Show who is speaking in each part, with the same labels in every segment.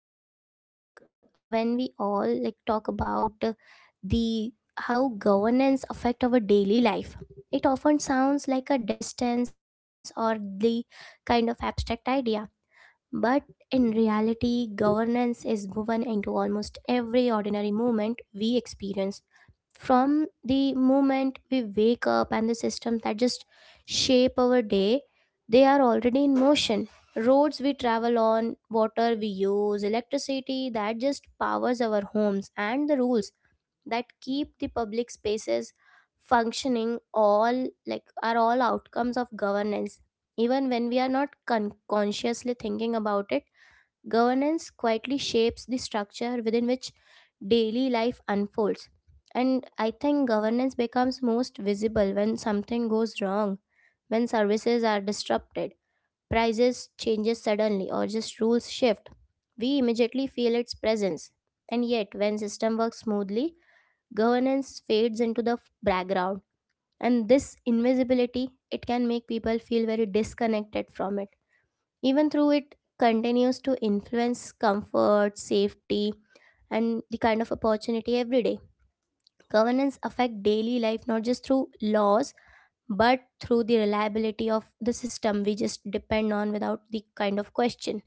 Speaker 1: wonders like when we all like talk about the how governance affect our daily life. It often sounds like a distance or the kind of abstract idea, but in reality, governance is woven into almost every ordinary moment we experience from the moment we wake up, and the systems that just shape our day, they are already in motion. Roads we travel on, water we use, electricity that just powers our homes, and the rules that keep the public spaces functioning all like are all outcomes of governance, even when we are not consciously thinking about it. Governance quietly shapes the structure within which daily life unfolds. And I think governance becomes most visible when something goes wrong, when services are disrupted, prices changes suddenly, or just rules shift. We immediately feel its presence. And yet when system works smoothly, governance fades into the background. And this invisibility, it can make people feel very disconnected from it. Even through it continues to influence comfort, safety, and the kind of opportunity every day. Governance affect daily life not just through laws but through the reliability of the system we just depend on without the kind of question.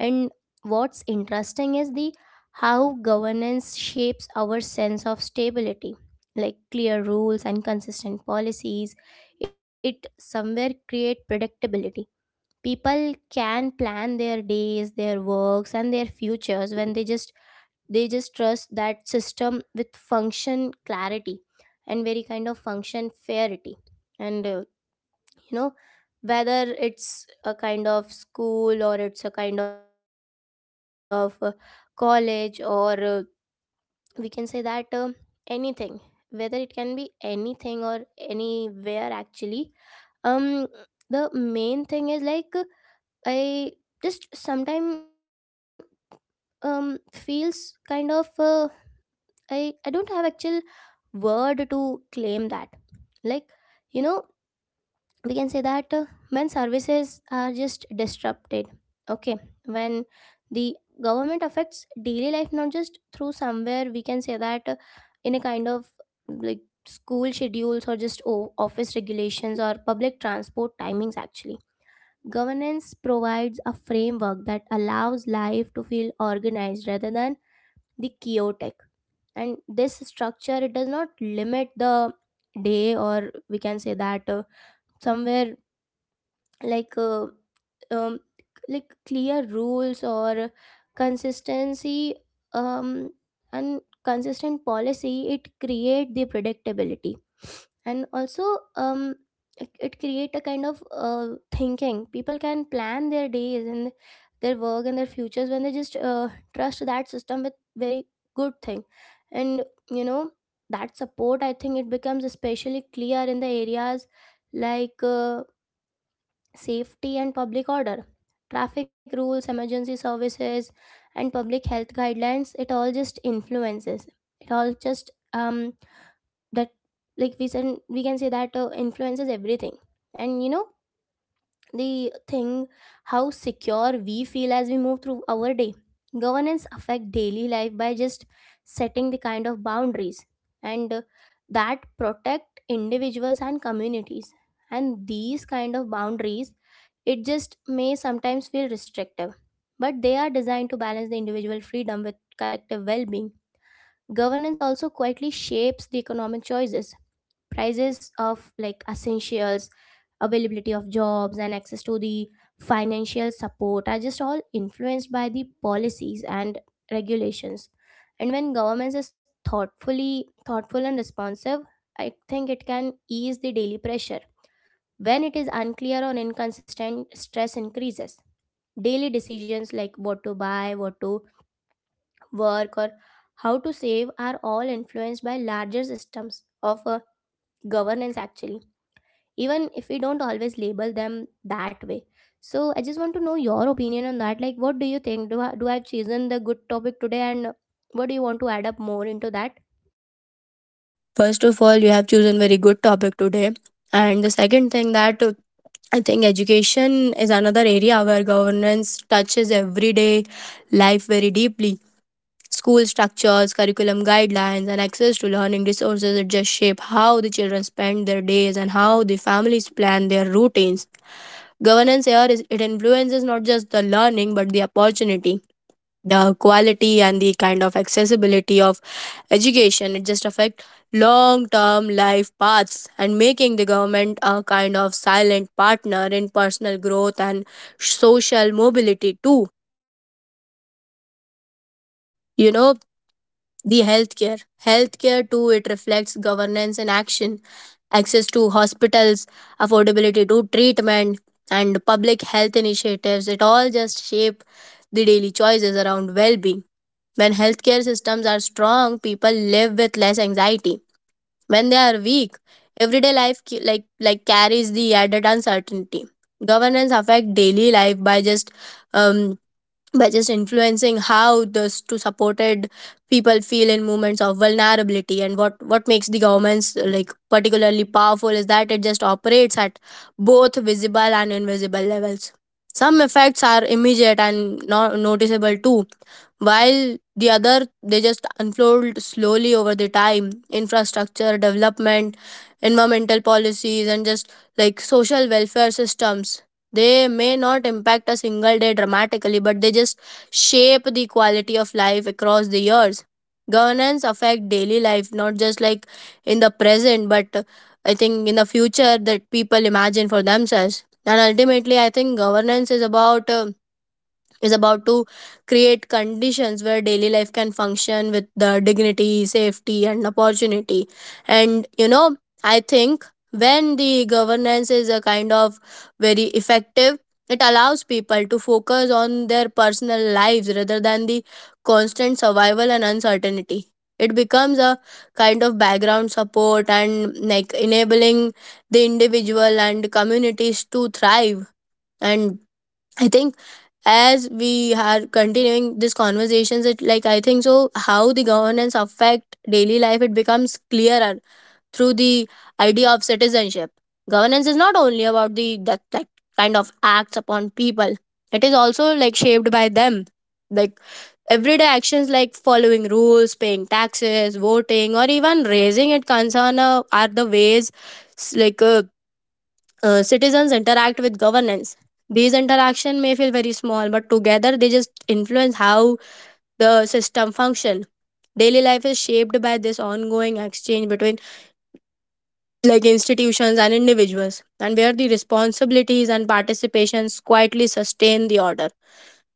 Speaker 1: And what's interesting is the how governance shapes our sense of stability, like clear rules and consistent policies, it somewhere create predictability. People can plan their days, their works, and their futures when they just trust that system with function clarity and very kind of function fairity. And you know, whether it's a kind of school or it's a kind of college, or we can say that anything, whether it can be anything or anywhere actually. um the main thing is like I just sometime feels kind of I don't have actual word to claim that. Like you know, we can say that when services are just disrupted. Okay, when the government affects daily life not just through somewhere, we can say that in a kind of like school schedules, or just office regulations, or public transport timings actually. Governance provides a framework that allows life to feel organized rather than the chaotic. And this structure, it does not limit the day, or we can say that somewhere like uh, um, like clear rules or consistency, um, and consistent policy. It create the predictability. And also, um it create a kind of thinking. People can plan their days and their work and their futures when they just trust that system with very good thing. And you know, that support, I think it becomes especially clear in the areas like safety and public order. Traffic rules, emergency services, and public health guidelines, it all just influences, it all just um that like we said, we can say that influences everything. And you know, the thing, how secure we feel as we move through our day. Governance affect daily life by just setting the kind of boundaries and that protect individuals and communities, and these kind of boundaries, it just may sometimes feel restrictive, but they are designed to balance the individual freedom with collective well-being. Governance also quietly shapes the economic choices. Prices of like essentials, availability of jobs, and access to the financial support are just all influenced by the policies and regulations. And when governments is thoughtfully thoughtful and responsive, I think it can ease the daily pressure. When it is unclear or inconsistent, stress increases. Daily decisions like what to buy, what to work, or how to save are all influenced by larger systems of governance actually, even if we don't always label them that way. So I just want to know your opinion on that, like what do you think? Do do I have chosen the good topic today, and what do you want to add up more into that?
Speaker 2: First of all, you have chosen very good topic today. And the second thing that I think education is another area where governance touches everyday life very deeply. School structures, curriculum guidelines, and access to learning resources it just shape how the children spend their days and how the families plan their routines. Governance here is it influences not just the learning but the opportunity, the quality, and the kind of accessibility of education it just affect long term life paths, and making the government a kind of silent partner in personal growth and social mobility too you know the healthcare too it reflects governance in action. Access to hospitals, affordability to treatment, and public health initiatives it all just shape the daily choices around well-being. When healthcare systems are strong, people live with less anxiety. When they are weak, everyday life like carries the added uncertainty. Governance affect daily life um, by just influencing how those two supported people feel in moments of vulnerability. And what makes the governments like particularly powerful is that it just operates at both visible and invisible levels. Some effects are immediate and noticeable too, while the other they just unfold slowly over the time. Infrastructure development, environmental policies, and just like social welfare systems, they may not impact a single day dramatically, but they just shape the quality of life across the years. Governance affect daily life, not just like in the present, but I think in the future that people imagine for themselves. And ultimately, I think governance is about is about to create conditions where daily life can function with the dignity, safety, and opportunity. And you know, I think when the governance is a kind of very effective, it allows people to focus on their personal lives rather than the constant survival and uncertainty. It becomes a kind of background support and like enabling the individual and communities to thrive. And I think as we are continuing these conversations, it like I think so how the governance affect daily life it becomes clearer through the idea of citizenship. Governance is not only about that kind of acts upon people, it is also like shaped by them. Like everyday actions like following rules, paying taxes, voting, or even raising it concern are the ways s- like uh, citizens interact with governance. These interaction may feel very small, but together they just influence how the system function. Daily life is shaped by this ongoing exchange between like institutions and individuals, and where the responsibilities and participations quietly sustain the order.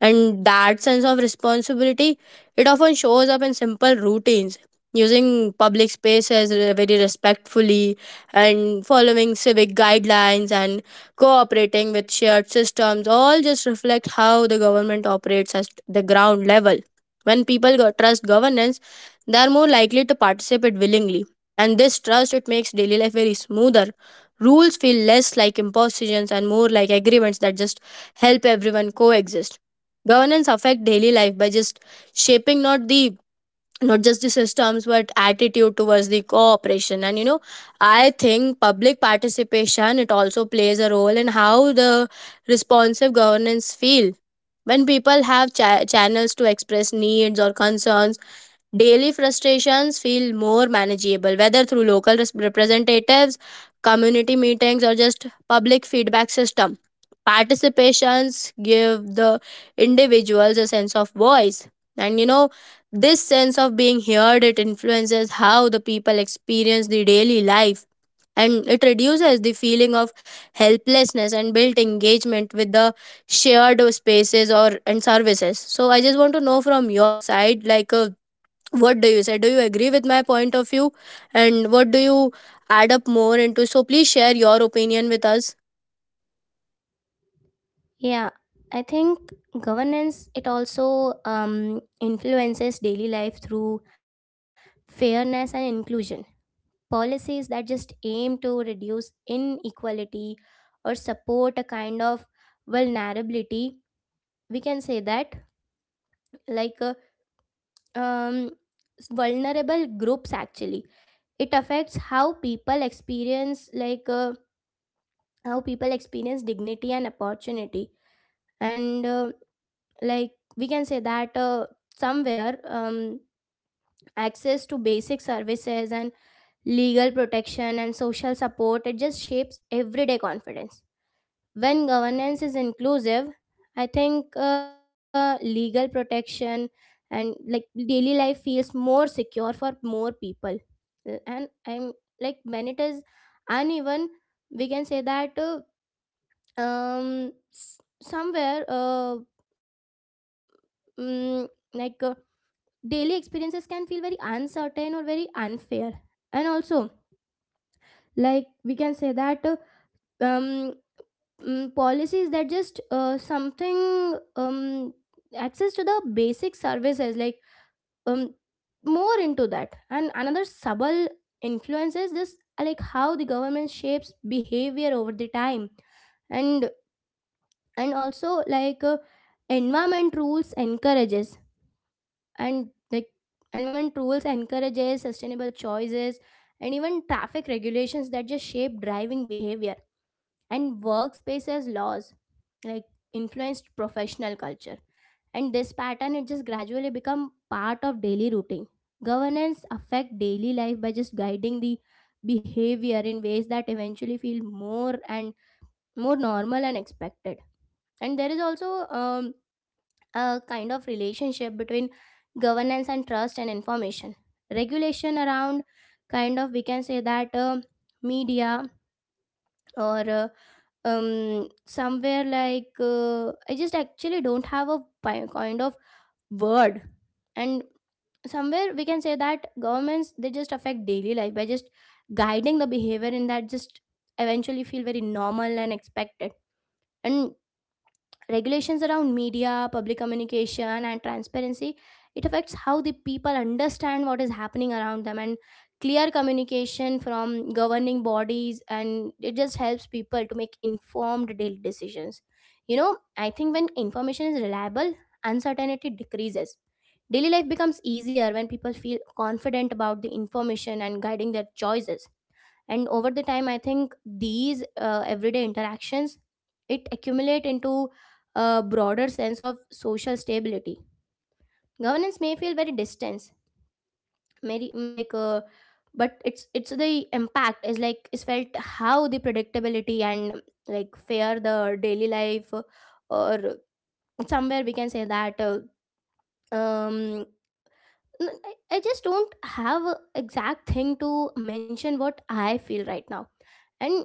Speaker 2: And that sense of responsibility it often shows up in simple routines. Using public spaces very respectfully and following civic guidelines and cooperating with shared systems all just reflect how the government operates at the ground level. When people trust governance, they are more likely to participate willingly, and this trust it makes daily life very smoother. Rules feel less like impositions and more like agreements that just help everyone coexist. Governance affect daily life by just shaping not just the systems but attitude towards the cooperation. And you know, I think public participation it also plays a role in how the responsive governance feel. When people have channels to express needs or concerns, daily frustrations feel more manageable, whether through local representatives, community meetings, or just public feedback system. Participations give the individuals a sense of voice. And you know, this sense of being heard it influences how the people experience the daily life, and it reduces the feeling of helplessness and built engagement with the shared spaces or and services. So I just want to know from your side like what do you say, do you agree with my point of view and what do you add up more into, so please share your opinion with us.
Speaker 1: Yeah, I think governance, it also influences daily life through fairness and inclusion. Policies that just aim to reduce inequality or support a kind of vulnerability, we can say that like um, vulnerable groups actually, it affects how people experience like how people experience dignity and opportunity. And like we can say that somewhere access to basic services and legal protection and social support, it just shapes everyday confidence. When governance is inclusive, I think legal protection and like daily life feels more secure for more people. And I'm like when it is uneven, we can say that um s- somewhere mm, like daily experiences can feel very uncertain or very unfair. And also like we can say that um policies that just something access to the basic services like um, more into that. And another subtle influence is just like how the government shapes behavior over the time. and and also like environment rules encourages and like environment rules encourages sustainable choices, and even traffic regulations that just shape driving behavior, and workspaces laws like influenced professional culture. And this pattern, it just gradually become part of daily routine. Governance affect daily life by just guiding the behavior in ways that eventually feel more and more normal and expected. And there is also um, a kind of relationship between governance and trust and information regulation around kind of, we can say that media, or um somewhere like I just actually don't have a kind of word. And somewhere we can say that governments, they just affect daily life by just guiding the behavior in that just eventually feel very normal and expected. And regulations around media, public communication, and transparency, it affects how the people understand what is happening around them. And clear communication from governing bodies, and it just helps people to make informed daily decisions. You know, I think when information is reliable, uncertainty decreases. Daily life becomes easier when people feel confident about the information and guiding their choices. And over the time, I think these everyday interactions, it accumulate into a broader sense of social stability. Governance may feel very distant, maybe like but it's the impact is like is felt how the predictability and like fair the daily life or somewhere we can say that um I just don't have a exact thing to mention what I feel right now. And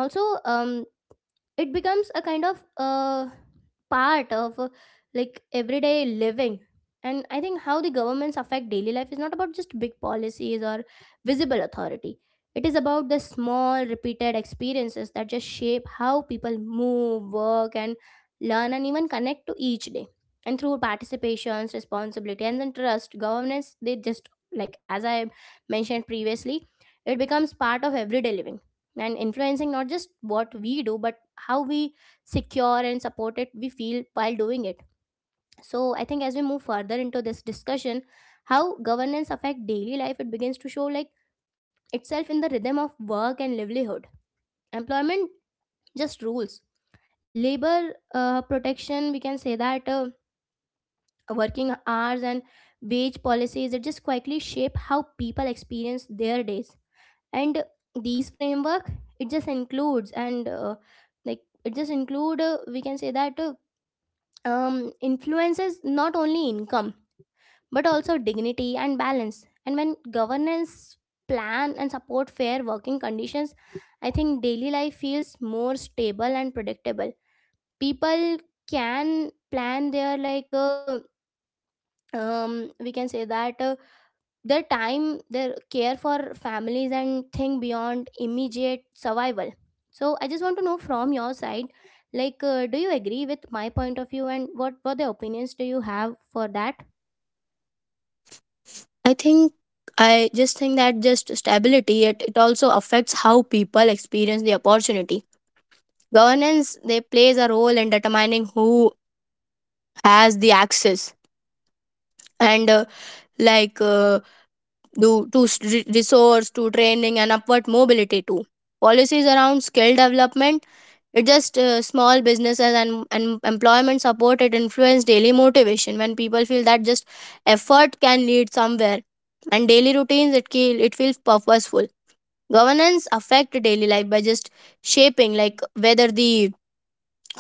Speaker 1: also, um it becomes a kind of part of like everyday living. And I think how the governments affect daily life is not about just big policies or visible authority. It is about the small repeated experiences that just shape how people move, work, and learn, and even connect to each day. And through participations, responsibility, and then trust, governance, they just like as I mentioned previously, it becomes part of everyday living, and influencing not just what we do but how we secure and supported we feel while doing it. So I think as we move further into this discussion, how governance affect daily life, it begins to show like itself in the rhythm of work and livelihood. Employment, just rules, labor protection, we can say that working hours and wage policies, it just quietly shape how people experience their days. And these framework, it just includes and like it just include we can say that influences not only income but also dignity and balance. And when governance plan and support fair working conditions, I think daily life feels more stable and predictable. People can plan their like we can say that. Their time, their care for families, and think beyond immediate survival. So I just want to know from your side like do you agree with my point of view, and what the opinions do you have for that?
Speaker 2: I think I just think that just stability it also affects how people experience the opportunity. Governance they plays a role in determining who has the access and like uh, do to resource to training and upward mobility too. Policies around skill development, it just small businesses and employment support it influence daily motivation. When people feel that just effort can lead somewhere, and daily routines it it feels purposeful. Governance affect daily life by just shaping like whether the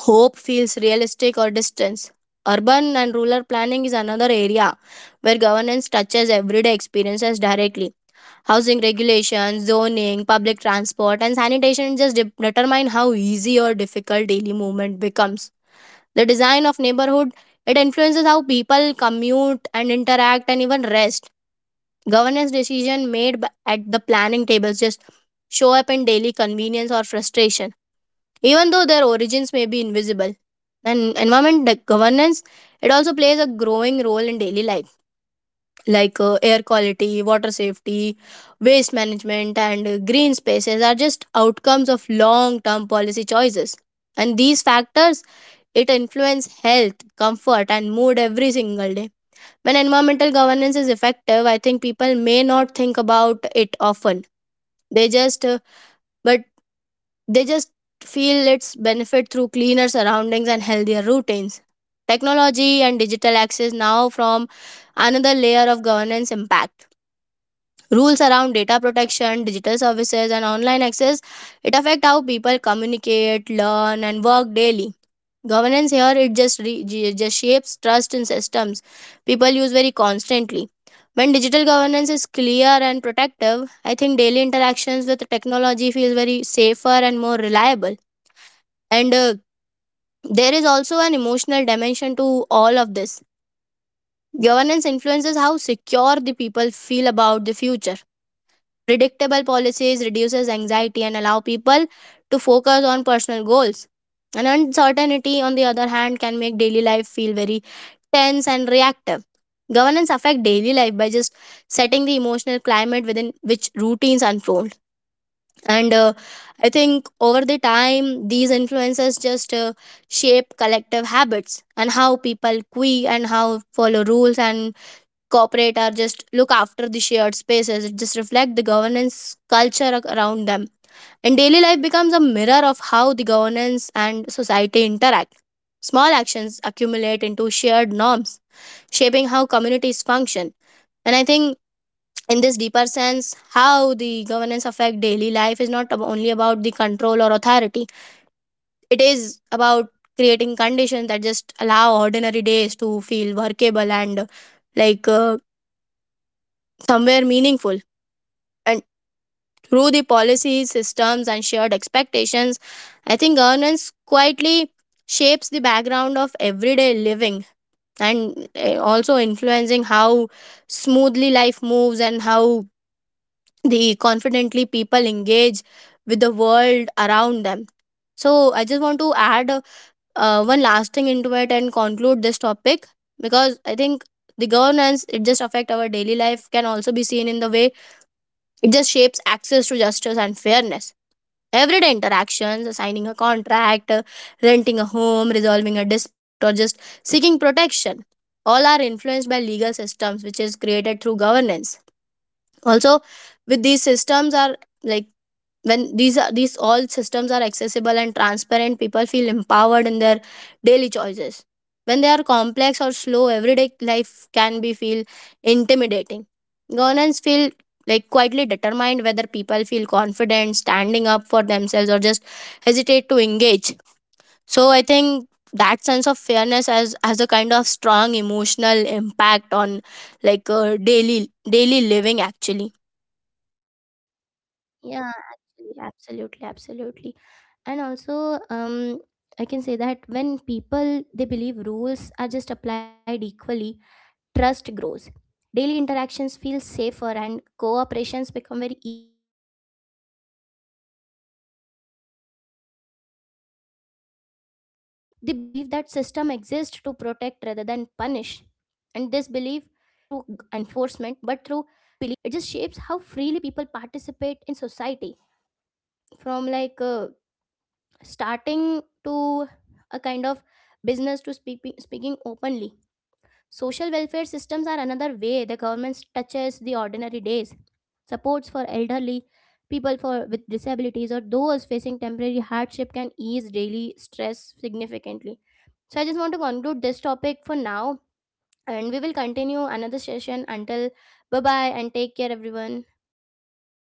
Speaker 2: hope feels realistic or distance. Urban and rural planning is another area where governance touches everyday experiences directly. Housing regulations, zoning, public transport, and sanitation just determine how easy or difficult daily movement becomes. The design of neighborhood it influences how people commute and interact and even rest. Governance decision made at the planning tables just show up in daily convenience or frustration, even though their origins may be invisible. And environment governance it also plays a growing role in daily life, like air quality, water safety, waste management, and green spaces are just outcomes of long term policy choices. And these factors it influence health, comfort, and mood every single day. When environmental governance is effective, I think people may not think about it often. They just but they just feel its benefit through cleaner surroundings and healthier routines. Technology and digital access now from another layer of governance impact rules around data protection, digital services, and online access. It affect how people communicate, learn, and work daily. Governance here it just just shapes trust in systems people use very constantly. When digital governance is clear and protective, I think daily interactions with technology feels very safer and more reliable. And there is also an emotional dimension to all of this. Governance influences how secure the people feel about the future. Predictable policies reduces anxiety and allow people to focus on personal goals. And uncertainty, on the other hand, can make daily life feel very tense and reactive. Governance affect daily life by just setting the emotional climate within which routines unfold. And I think over the time, these influences just shape collective habits. And how people queue and how follow rules and corporate are just look after the shared spaces it just reflect the governance culture around them, and daily life becomes a mirror of how the governance and society interact. Small actions accumulate into shared norms, shaping how communities function. And I think in this deeper sense, how the governance affect daily life is not only about the control or authority, it is about creating conditions that just allow ordinary days to feel workable and like uh, somewhere meaningful through the policies, systems, and shared expectations. I think governance quietly shapes the background of everyday living, and also influencing how smoothly life moves and how the confidently people engage with the world around them. So I just want to add one last thing into it and conclude this topic, because I think the governance it just affect our daily life can also be seen in the way it just shapes access to justice and fairness. Everyday interactions, signing a contract, renting a home, resolving a dispute, or just seeking protection, all are influenced by legal systems which is created through governance. Also, with these systems are like when these all systems are accessible and transparent, people feel empowered in their daily choices. When they are complex or slow, everyday life can be feel intimidating. Governance feel like quietly determined whether people feel confident standing up for themselves or just hesitate to engage. So I think that sense of fairness has a kind of strong emotional impact on like daily living actually.
Speaker 1: Yeah, actually, absolutely. And also, I can say that when people, they believe rules are just applied equally, trust grows. Daily interactions feel safer, and cooperations become very easier. Governance affect daily life not only through enforcement but through the belief that system exists to protect rather than punish. And this belief, it just shapes how freely people participate in society, from like starting to a kind of business to speaking openly. Social welfare systems are another way the government touches the ordinary days. Supports for elderly, people for with disabilities, or those facing temporary hardship can ease daily stress significantly. So I just want to conclude this topic for now, and we will continue another session until. Bye bye, and take care everyone.